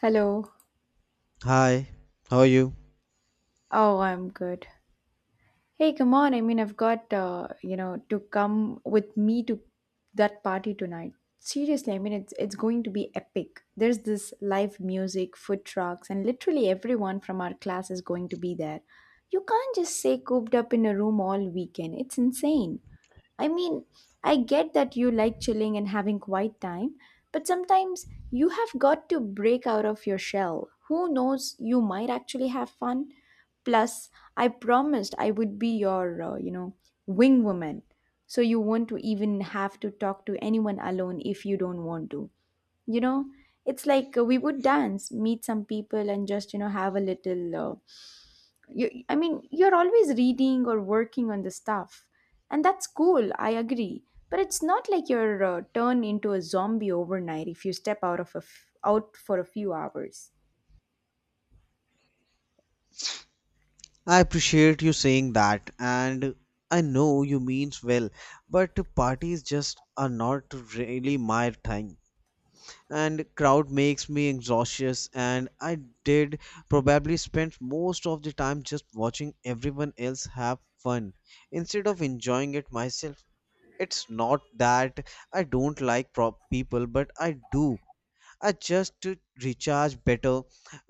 Hello. Hi, how are you? Oh, I'm good. Hey, come on. I've got, to come with me to that party tonight. Seriously, it's going to be epic. There's this live music, food trucks, and literally everyone from our class is going to be there. You can't just stay cooped up in a room all weekend. It's insane. I mean, I get that you like chilling and having quiet time, but sometimes you have got to break out of your shell. Who knows, you might actually have fun. Plus, I promised I would be your, wing woman. So you won't even have to talk to anyone alone if you don't want to you know it's like we would dance, meet some people, and just have a little you're always reading or working on the stuff, and that's cool, I agree, but it's not like you're turned into a zombie overnight if you step out of out for a few hours. I appreciate you saying that, and I know you means well, but parties just are not really my thing. And crowd makes me anxious, and I did probably spend most of the time just watching everyone else have fun instead of enjoying it myself. It's not that I don't like prop people, but I do. I just to recharge better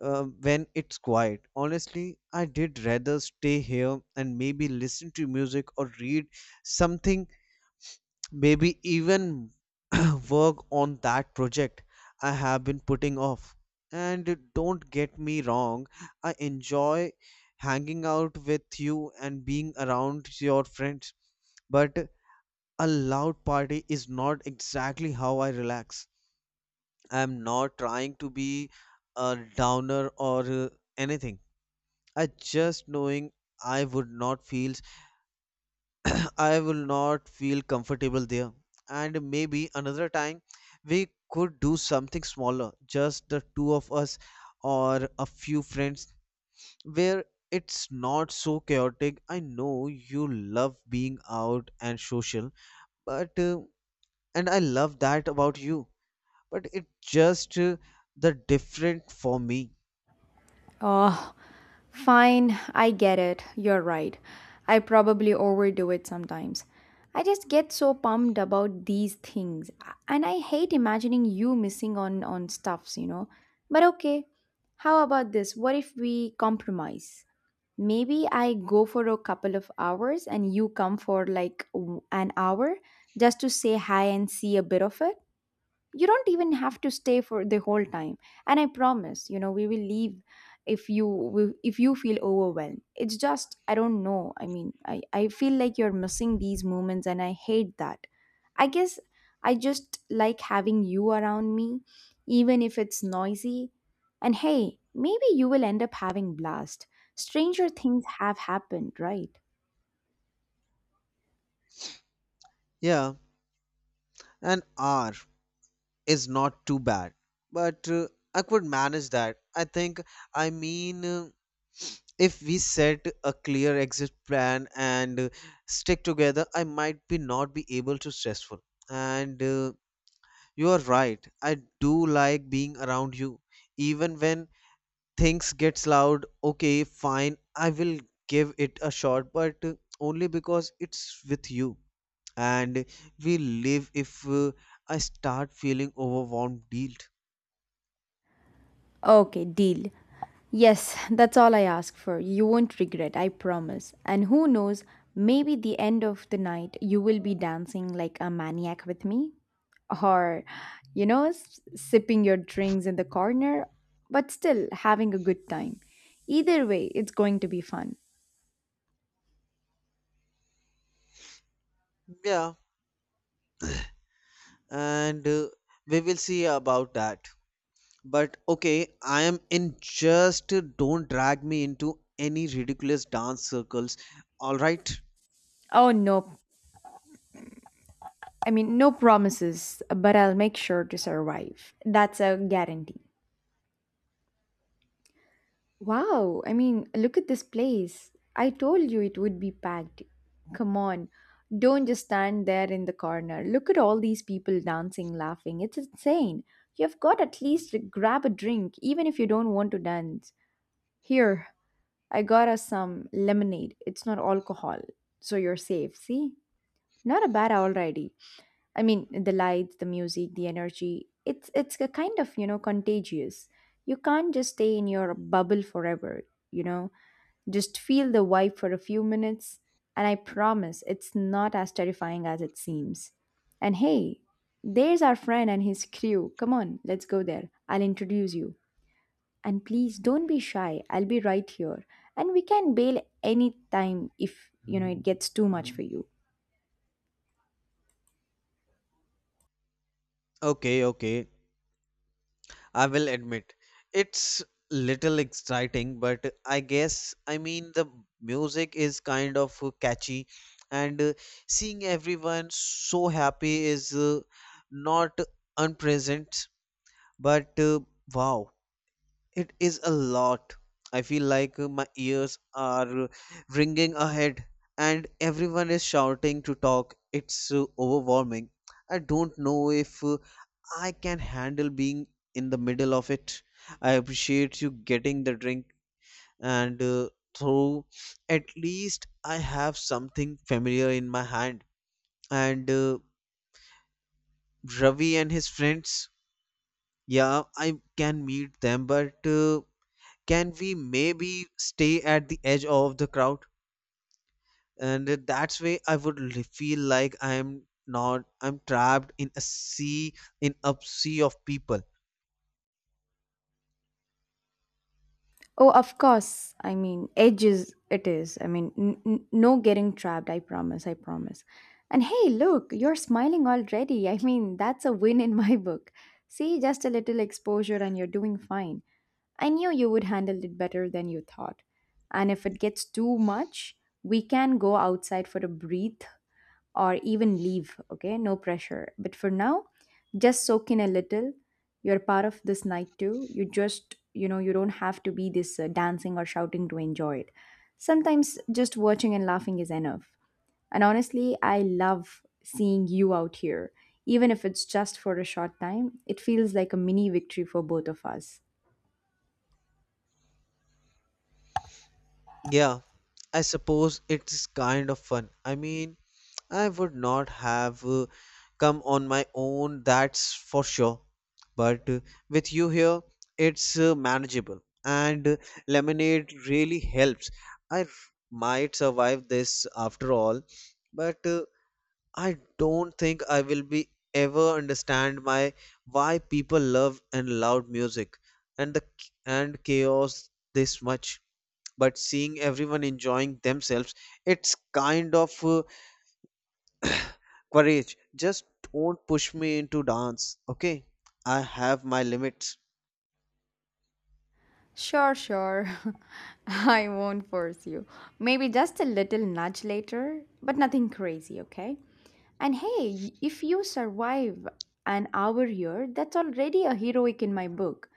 when it's quiet. Honestly, I did rather stay here and maybe listen to music or read something, maybe even work on that project I have been putting off. And don't get me wrong, I enjoy hanging out with you and being around your friends, but a loud party is not exactly how I relax. I'm not trying to be a downer or anything. I just knowing I would not feel I will not feel comfortable there. And maybe another time we could do something smaller, just the two of us or a few friends where it's not so chaotic. I know you love being out and social, but and I love that about you, but it just the different for me. Oh, fine, I get it. You're right. I probably overdo it sometimes. I just get so pumped about these things, and I hate imagining you missing on stuffs, you know. But okay, how about this? What if we compromise? Maybe I go for a couple of hours and you come for like an hour, just to say hi and see a bit of it. You don't even have to stay for the whole time, and I promise, we will leave if you feel overwhelmed. It's just, I don't know, I feel like you're missing these moments, and I hate that. I guess I just like having you around me, even if it's noisy. And hey, maybe you will end up having blast. Stranger things have happened, right? Yeah, an hour is not too bad, but I could manage that. I think, I mean, if we set a clear exit plan and stick together, I might be not be able to stressful. And You are right. I do like being around you, even when things gets loud. Okay, fine. I will give it a shot, but only because it's with you. And we live if I start feeling overwhelmed guilt. Okay, deal. Yes, that's all I ask for. You won't regret, I promise. And who knows, maybe the end of the night you will be dancing like a maniac with me, or sipping your drinks in the corner, but still having a good time. Either way, it's going to be fun. Yeah, and we will see about that. But okay, I am in, just don't drag me into any ridiculous dance circles. All right. Oh no, no promises, but I'll make sure to survive. That's a guarantee. Wow, look at this place. I told you it would be packed. Come on, don't just stand there in the corner. Look at all these people dancing, laughing. It's insane. You've got at least to grab a drink, even if you don't want to dance. Here, I got us some lemonade. It's not alcohol, so you're safe. See, not a bad already. I mean, the lights, the music, the energy. It's a kind of, contagious. You can't just stay in your bubble forever. You know, just feel the vibe for a few minutes, and I promise it's not as terrifying as it seems. And hey, there's our friend and his crew. Come on, let's go there. I'll introduce you. And please don't be shy. I'll be right here. And we can bail anytime if, it gets too much for you. Okay, okay. I will admit it's little exciting, but I guess I mean the music is kind of catchy, and seeing everyone so happy is not unpleasant. But wow, it is a lot. I feel like my ears are ringing ahead, and everyone is shouting to talk. It's overwhelming. I don't know if I can handle being in the middle of it. I appreciate you getting the drink and through. At least I have something familiar in my hand. And Ravi and his friends, yeah, I can meet them, but can we maybe stay at the edge of the crowd? And That's way I would feel like I'm not I'm trapped in a sea of people. Oh, of course. I mean, edges it is. I mean, no getting trapped. I promise. I promise. And hey, look, you're smiling already. I mean, that's a win in my book. See, just a little exposure and you're doing fine. I knew you would handle it better than you thought. And if it gets too much, we can go outside for a breathe, or even leave, okay? No pressure. But for now, just soak in a little. You're part of this night too. You just, you don't have to be this dancing or shouting to enjoy it. Sometimes just watching and laughing is enough. And honestly, I love seeing you out here. Even if it's just for a short time, it feels like a mini victory for both of us. Yeah, I suppose it's kind of fun. I mean, I would not have come on my own, that's for sure. But with you here, it's manageable. And lemonade really helps. I r- might survive this after all, but I don't think I will be ever understand my why people love and loud music and the and chaos this much, but seeing everyone enjoying themselves, it's kind of courage. Just don't push me into dance, okay? I have my limits. Sure, sure. I won't force you. Maybe just a little nudge later, but nothing crazy, okay? And hey, if you survive an hour here, that's already a heroic in my book.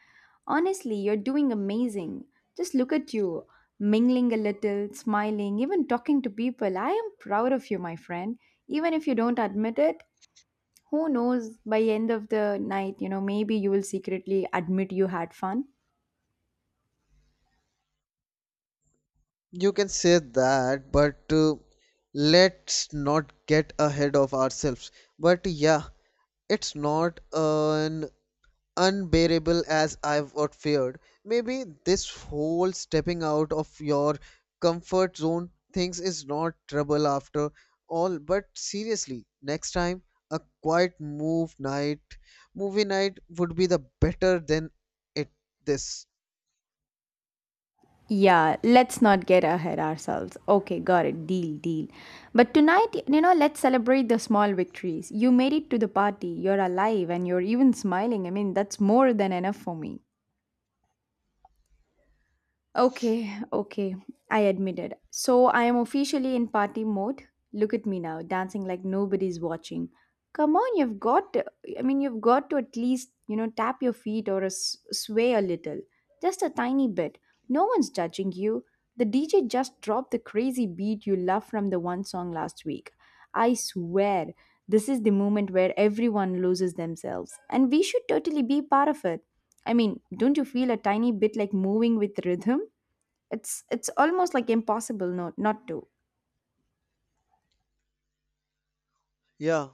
Honestly, you're doing amazing. Just look at you, mingling a little, smiling, even talking to people. I am proud of you, my friend. Even if you don't admit it, who knows, by end of the night, maybe you will secretly admit you had fun. You can say that, but let's not get ahead of ourselves, but yeah, it's not an unbearable as I've what feared. Maybe this whole stepping out of your comfort zone things is not trouble after all. But seriously, next time a quiet move night movie night would be the better than it this. Yeah, let's not get ahead ourselves. Okay, got it. Deal, deal. But tonight, let's celebrate the small victories. You made it to the party, you're alive, and you're even smiling. I mean, that's more than enough for me. Okay, okay, I admitted. So I am officially in party mode. Look at me now, dancing like nobody's watching. Come on, you've got to, I mean, you've got to at least, tap your feet or sway a little. Just a tiny bit. No one's judging you. The DJ just dropped the crazy beat you love from the one song last week. I swear, this is the moment where everyone loses themselves, and we should totally be part of it. I mean, don't you feel a tiny bit like moving with rhythm? It's almost like impossible, no, not to. Yeah,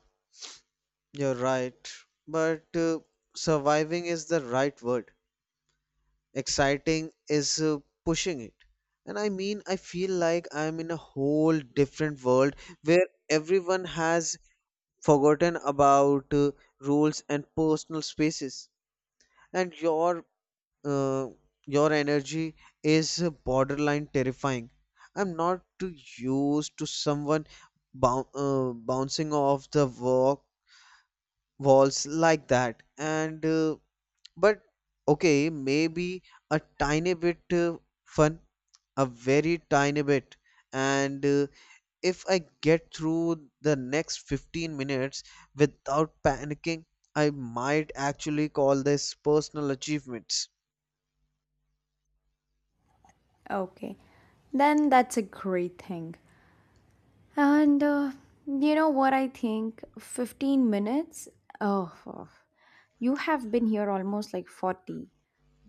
you're right. But surviving is the right word. Exciting is pushing it. And I mean, I feel like I'm in a whole different world where everyone has forgotten about rules and personal spaces, and uh, your energy is borderline terrifying. I'm not too used to someone bouncing off the walls like that, and but okay, maybe a tiny bit fun, a very tiny bit. And if I get through the next 15 minutes without panicking, I might actually call this personal achievements. Okay, then that's a great thing. And you know what I think? 15 minutes? Oh, oh. You have been here almost like 40.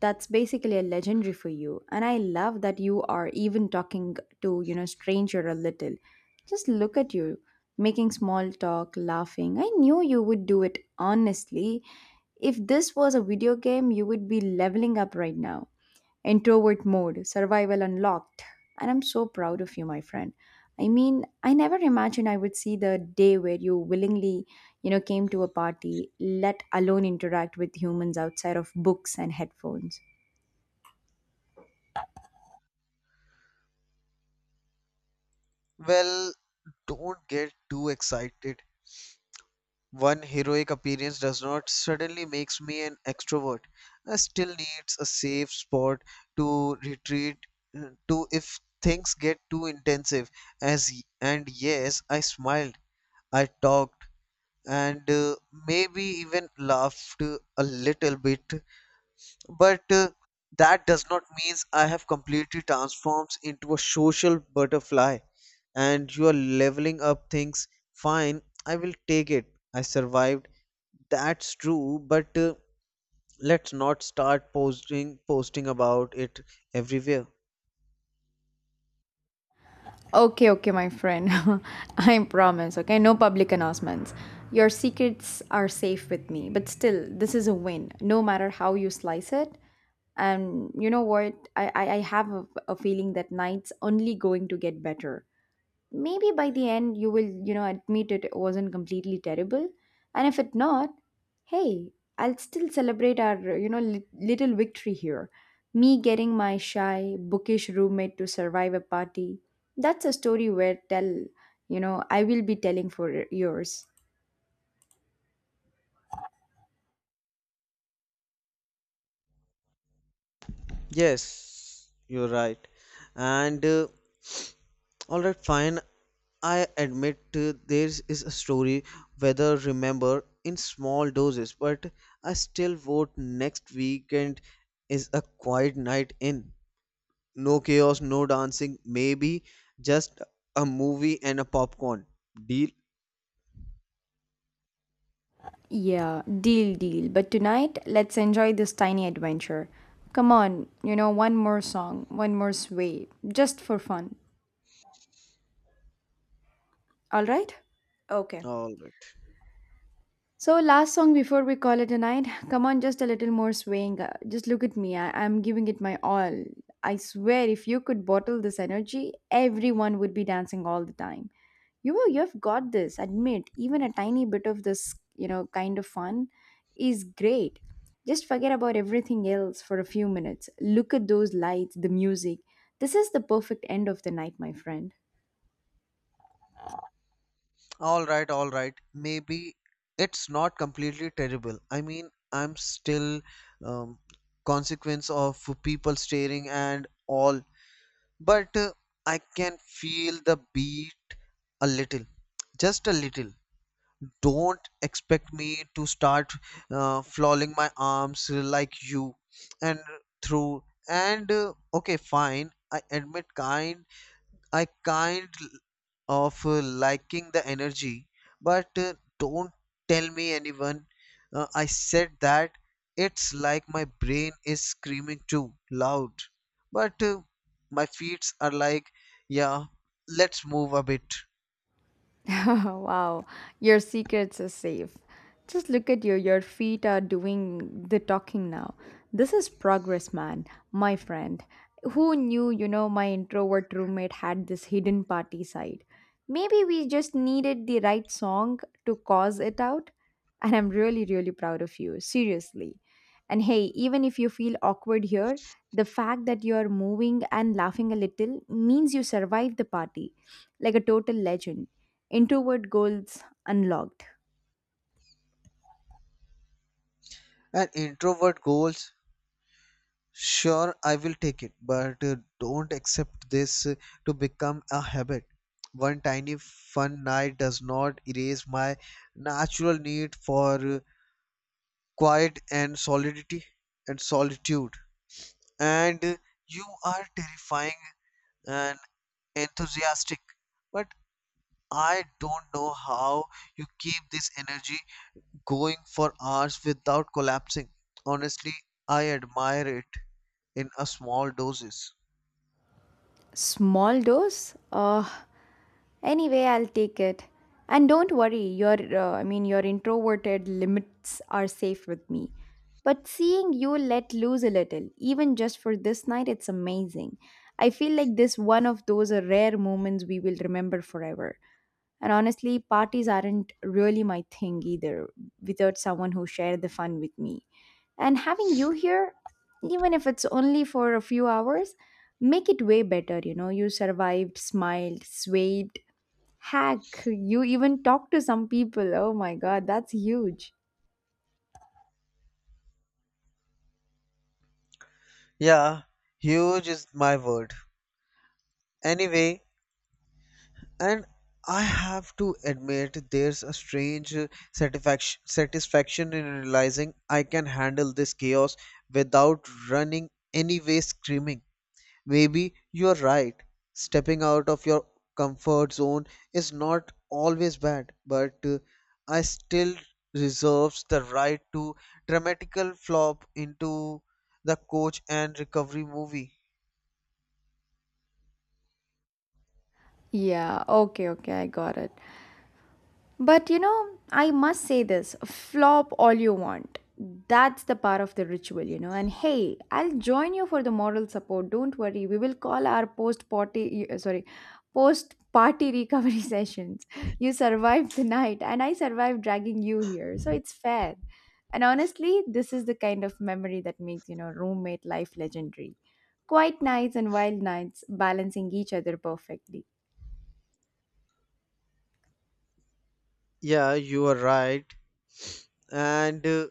That's basically a legendary for you. And I love that you are even talking to, stranger a little. Just look at you, making small talk, laughing. I knew you would do it honestly. If this was a video game, you would be leveling up right now. Introvert mode, survival unlocked. And I'm so proud of you, my friend. I mean, I never imagined I would see the day where you willingly, came to a party, let alone interact with humans outside of books and headphones. Well, don't get too excited. One heroic appearance does not suddenly makes me an extrovert. I still needs a safe spot to retreat to if things get too intensive as. And yes, I smiled, I talked, and maybe even laughed a little bit. But that does not mean I have completely transformed into a social butterfly and you are leveling up things. Fine, I will take it. I survived. That's true, but let's not start posting about it everywhere. Okay, okay, my friend. I promise, okay? No public announcements. Your secrets are safe with me, but still, this is a win, no matter how you slice it. And you know what? I have a feeling that night's only going to get better. Maybe by the end you will, admit it wasn't completely terrible. And if it not, hey, I'll still celebrate our, little victory here, me getting my shy bookish roommate to survive a party. That's a story where tell I will be telling for years. Yes, you're right. And all right, fine. I admit there is a story, whether remember in small doses, but I still vote next weekend is a quiet night in. No chaos, no dancing, maybe just a movie and a popcorn. Deal? Yeah, deal, deal. But tonight, let's enjoy this tiny adventure. Come on, one more song, one more sway, just for fun. All right. Okay. All right. So, last song before we call it a night. Come on, just a little more swaying. Just look at me. I'm giving it my all. I swear, if you could bottle this energy, everyone would be dancing all the time. You have got this. Admit, even a tiny bit of this, kind of fun is great. Just forget about everything else for a few minutes. Look at those lights, the music. This is the perfect end of the night, my friend. All right, all right. Maybe it's not completely terrible. I mean, I'm still um, consequence of people staring and all, but I can feel the beat a little, just a little. Don't expect me to start flailing my arms like you and through. And okay, fine. I admit, kind I kind of liking the energy, but don't tell me anyone. I said that it's like my brain is screaming too loud, but my feet are like, yeah, let's move a bit. Wow, your secrets are safe. Just look at you, your feet are doing the talking now. This is progress, man, my friend. Who knew, my introvert roommate had this hidden party side? Maybe we just needed the right song to cause it out. And I'm really, really proud of you, seriously. And hey, even if you feel awkward here, the fact that you are moving and laughing a little means you survived the party like a total legend. Introvert goals unlocked. An introvert goals, sure, I will take it, but don't accept this to become a habit. One tiny fun night does not erase my natural need for quiet and solidity and solitude, and you are terrifying and enthusiastic, but I don't know how you keep this energy going for hours without collapsing. Honestly, I admire it in a small doses. Small dose? Anyway, I'll take it. And don't worry, your your introverted limits are safe with me. But seeing you let loose a little, even just for this night, it's amazing. I feel like this one of those rare moments we will remember forever. And honestly, parties aren't really my thing either without someone who shared the fun with me. And having you here, even if it's only for a few hours, make it way better, you know. You survived, smiled, swayed, hack, you even talked to some people. Oh my god, that's huge. Yeah, huge is my word anyway. And I have to admit there's a strange satisfaction in realizing I can handle this chaos without running anyway screaming. Maybe you're right. Stepping out of your comfort zone is not always bad, but I still reserves the right to dramatical flop into the coach and recovery movie. Yeah, okay, okay, I got it. But you know, I must say this flop all you want. That's the part of the ritual, you know. And hey, I'll join you for the moral support. Don't worry. We will call our post party, sorry, post party recovery sessions. You survived the night, and I survived dragging you here. So it's fair. And honestly, this is the kind of memory that makes, roommate life legendary. Quiet nights and wild nights balancing each other perfectly. Yeah, you are right. And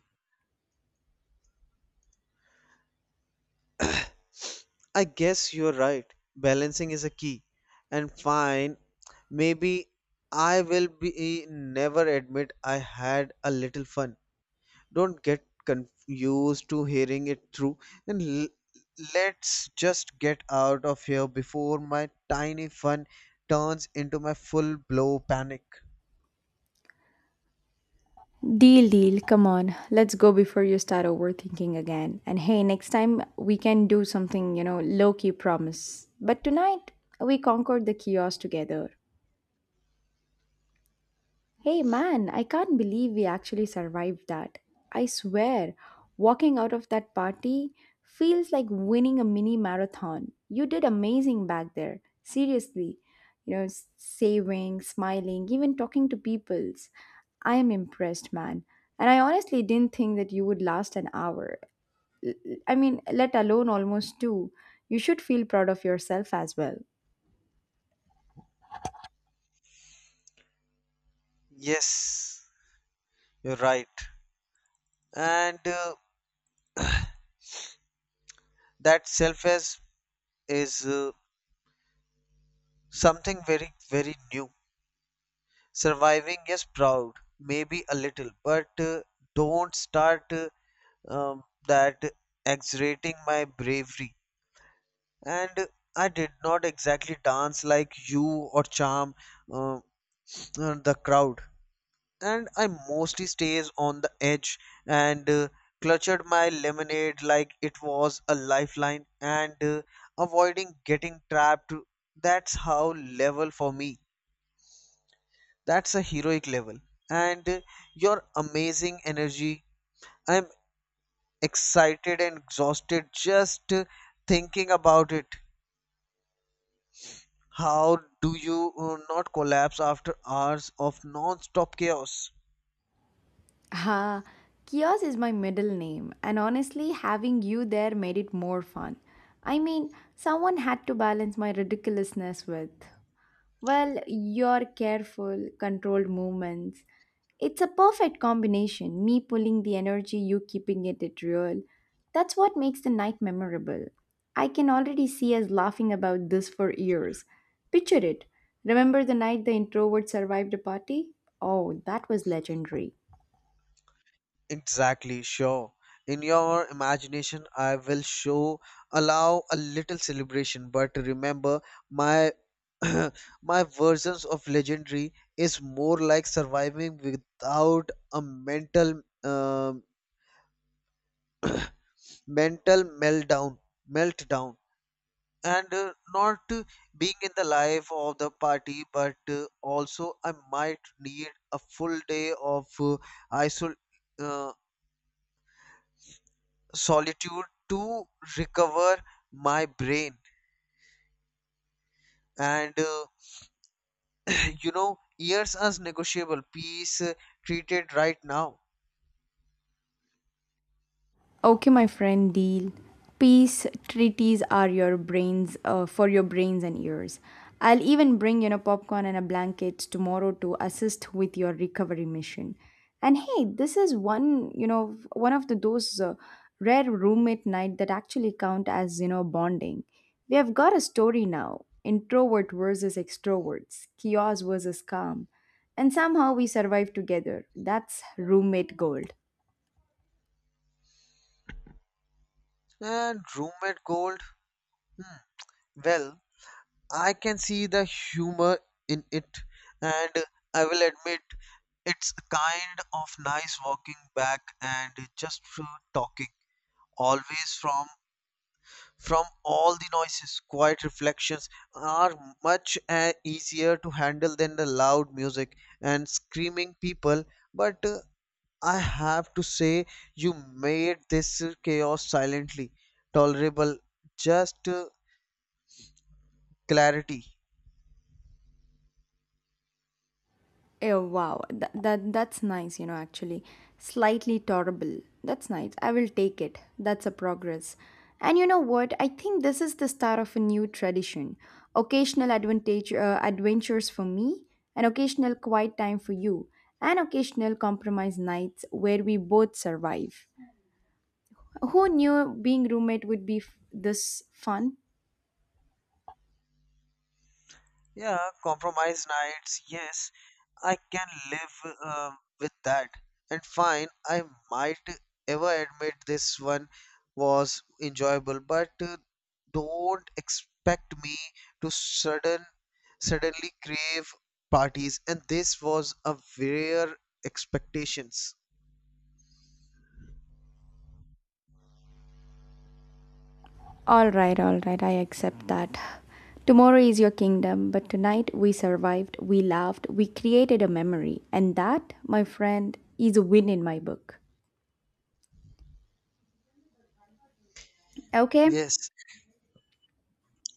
I guess you're right. Balancing is a key. And fine, maybe I will be never admit I had a little fun. Don't get confused to hearing it through. And let's just get out of here before my tiny fun turns into my full blow panic. Deal, deal. Come on. Let's go before you start overthinking again. And hey, next time we can do something, you know, low key promise. But tonight, we conquered the chaos together. Hey man, I can't believe we actually survived that. I swear, walking out of that party feels like winning a mini marathon. You did amazing back there. Seriously. You know, saving, smiling, even talking to peoples. I am impressed, man. And I honestly didn't think that you would last an hour. I mean, let alone almost two. You should feel proud of yourself as well. Yes, you're right. And that self is is uh, something very very new. Surviving is proud, maybe a little, but don't start um, that exaggerating my bravery. And I did not exactly dance like you or charm uh, the crowd. And I mostly stays on the edge and clutched my lemonade like it was a lifeline and avoiding getting trapped. That's how level for me. That's a heroic level. And your amazing energy. I'm excited and exhausted just thinking about it. How do you not collapse after hours of non-stop chaos? Ha, Kios is my middle name, and honestly, having you there made it more fun. I mean, someone had to balance my ridiculousness with, well, your careful, controlled movements. It's a perfect combination, me pulling the energy, you keeping it at real. That's what makes the night memorable. I can already see us laughing about this for years. Picture it. Remember the night the introvert survived a party? Oh, that was legendary. Exactly, sure. In your imagination, I will show, allow a little celebration, but remember, my my versions of legendary is more like surviving without a mental mental meltdown and not being in the life of the party, but also I might need a full day of isol- uh, solitude to recover my brain, and you know years as negotiable peace treated right now. Okay, my friend, deal. Peace treaties are your brains for your brains and ears. I'll even bring, you know, popcorn and a blanket tomorrow to assist with your recovery mission. And hey, this is one, you know, one of the those rare roommate night that actually count as, you know, bonding. We have got a story now: introvert versus extroverts, chaos versus calm, and somehow we survive together. That's roommate gold. And roommate gold. Hmm, well, I can see the humor in it, and I will admit it's a kind of nice walking back and just talking. Always from all the noises, quiet reflections are much easier to handle than the loud music and screaming people. But I have to say, you made this chaos silently tolerable, just clarity. Oh wow, that's nice, you know, actually. Slightly tolerable. That's nice. I will take it. That's a progress. And you know what? I think this is the start of a new tradition. Occasional advantage adventures for me, an occasional quiet time for you, and occasional compromise nights where we both survive. Who knew being roommate would be this fun? Yeah, compromise nights. Yes, I can live with that. And fine, I might ever admit this one was enjoyable, but don't expect me to suddenly crave parties. And this was a rare expectations. All right, I accept that. Tomorrow is your kingdom, but tonight we survived, we laughed, we created a memory, and that, my friend, is a win in my book. Okay? Yes,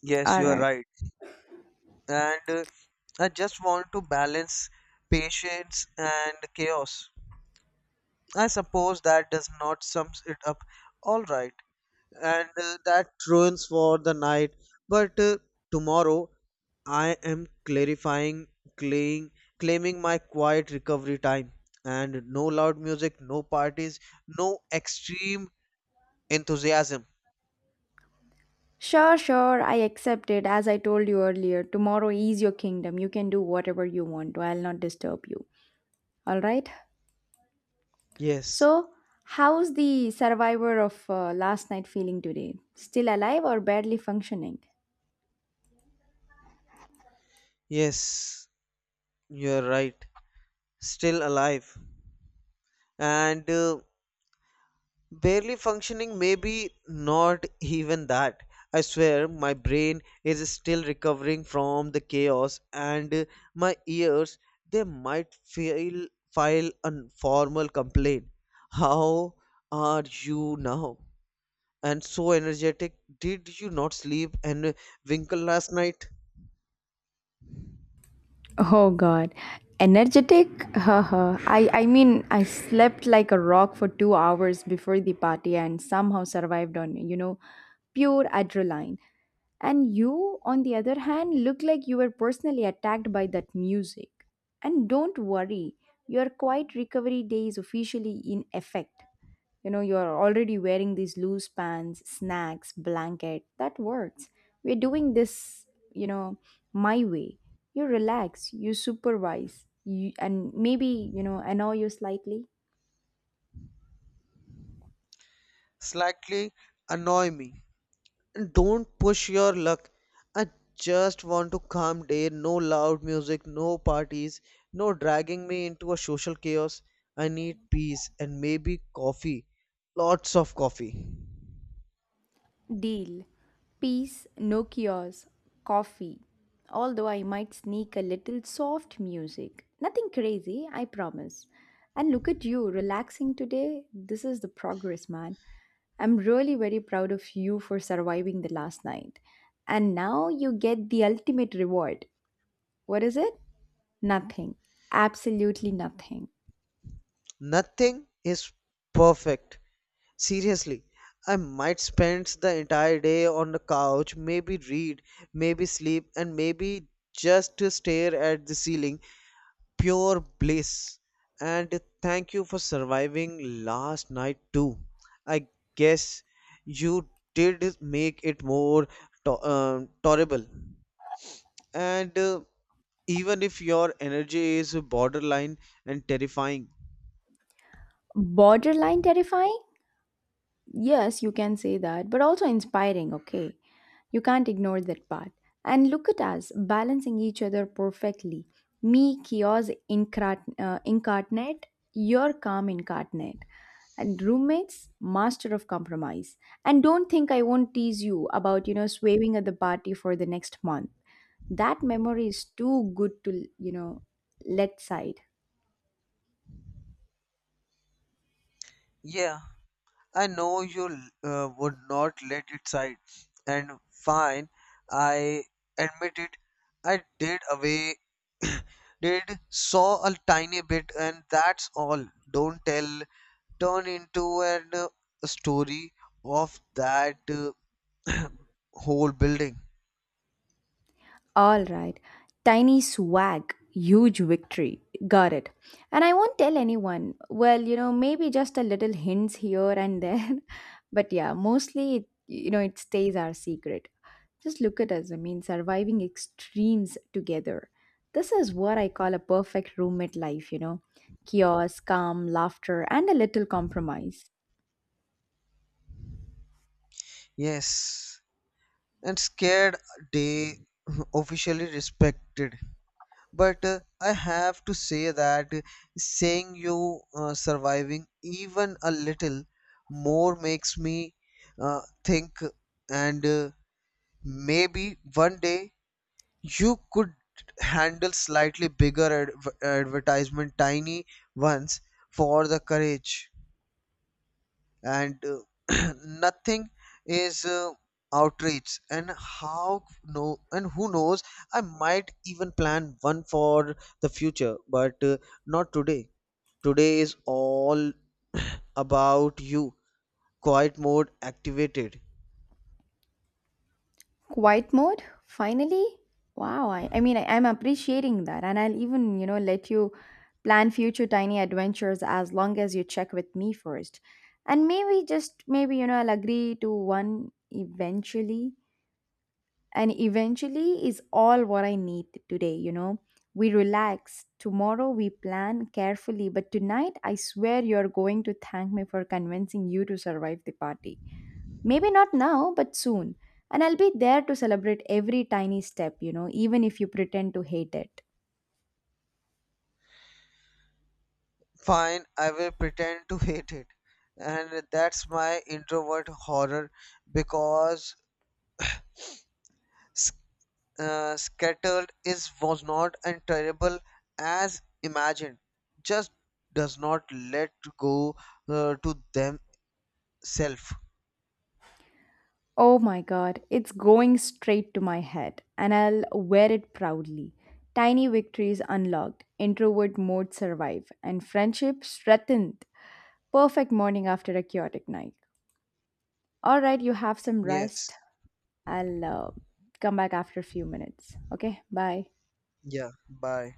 yes, All you are right. right. And I just want to balance patience and chaos. I suppose that does not sums it up. All right, and that ruins for the night. But tomorrow, I am claying, claiming my quiet recovery time, and no loud music, no parties, no extreme enthusiasm. Sure, sure, I accept it. As I told you earlier, tomorrow is your kingdom. You can do whatever you want, I'll not disturb you. All right? Yes, So, how's the survivor of last night feeling today? Still alive or barely functioning? yes, you're right. Still alive, and. Barely functioning, maybe not even that. I swear my brain is still recovering from the chaos, and my ears, they might file a formal complaint. How are you now? And so energetic. Did you not sleep and winkle last night? Oh God, energetic? Haha. I mean, I slept like a rock for 2 hours before the party and somehow survived on, you know, pure adrenaline. And you, on the other hand, look like you were personally attacked by that music. And don't worry, your quiet recovery day is officially in effect. You know, you're already wearing these loose pants, snacks, blanket. That works. We're doing this, you know, my way. You relax, you supervise, you, and maybe, you know, annoy you slightly. Slightly annoy me. Don't push your luck. I just want to calm day, no loud music, no parties, no dragging me into a social chaos. I need peace and maybe coffee. Lots of coffee. Deal. Peace, no cures, coffee. Although I might sneak a little soft music. Nothing crazy, I promise. And look at you, relaxing today. This is the progress, man. I'm really very proud of you for surviving the last night. And now you get the ultimate reward. What is it? Nothing. Absolutely nothing. Nothing is perfect. Seriously, I might spend the entire day on the couch, maybe read, maybe sleep, and maybe just to stare at the ceiling pure bliss. And thank you for surviving last night too. I guess you did make it more tolerable. And even if your energy is borderline and terrifying. Borderline terrifying? Yes, you can say that, but also inspiring, okay? You can't ignore that part. And look at us balancing each other perfectly. Me, incarnate, your calm incarnate. And roommates, master of compromise. And don't think I won't tease you about, you know, swearing at the party for the next month. That memory is too good to, you know, let side. Yeah, I know you would not let it slide, and fine, I admit it. I did away, did saw a tiny bit, and that's all. Don't tell. Turn into an story of that whole building. All right. Tiny swag, huge victory. Got it. And I won't tell anyone. Well, you know, maybe just a little hints here and there. But yeah, mostly, it, you know, it stays our secret. Just look at us. I mean, surviving extremes together. This is what I call a perfect roommate life, you know. Chaos, calm, laughter, and a little compromise. Yes, and scared they officially respected. But I have to say that saying you surviving even a little more makes me think, and maybe one day you could handle slightly bigger advertisement tiny ones for the courage, and nothing is outreach and how no, and who knows, I might even plan one for the future, but not today. Today is all about you. Quiet mode activated. Quiet mode? Finally? Wow, I mean, I'm appreciating that. And I'll even, you know, let you plan future tiny adventures as long as you check with me first. And maybe, just maybe, you know, I'll agree to one eventually. And eventually is all what I need today, you know. We relax. Tomorrow we plan carefully. But tonight, I swear you're going to thank me for convincing you to survive the party. Maybe not now, but soon. And I'll be there to celebrate every tiny step, you know, even if you pretend to hate it. Fine, I will pretend to hate it, and that's my introvert horror, because scattered is was not and terrible as imagined, just does not let go to themselves. Oh my god, it's going straight to my head, and I'll wear it proudly. Tiny victories unlocked, introvert mode survive, and friendship strengthened. Perfect morning after a chaotic night. Alright, you have some rest. Yes. I'll come back after a few minutes. Okay, bye. Yeah, bye.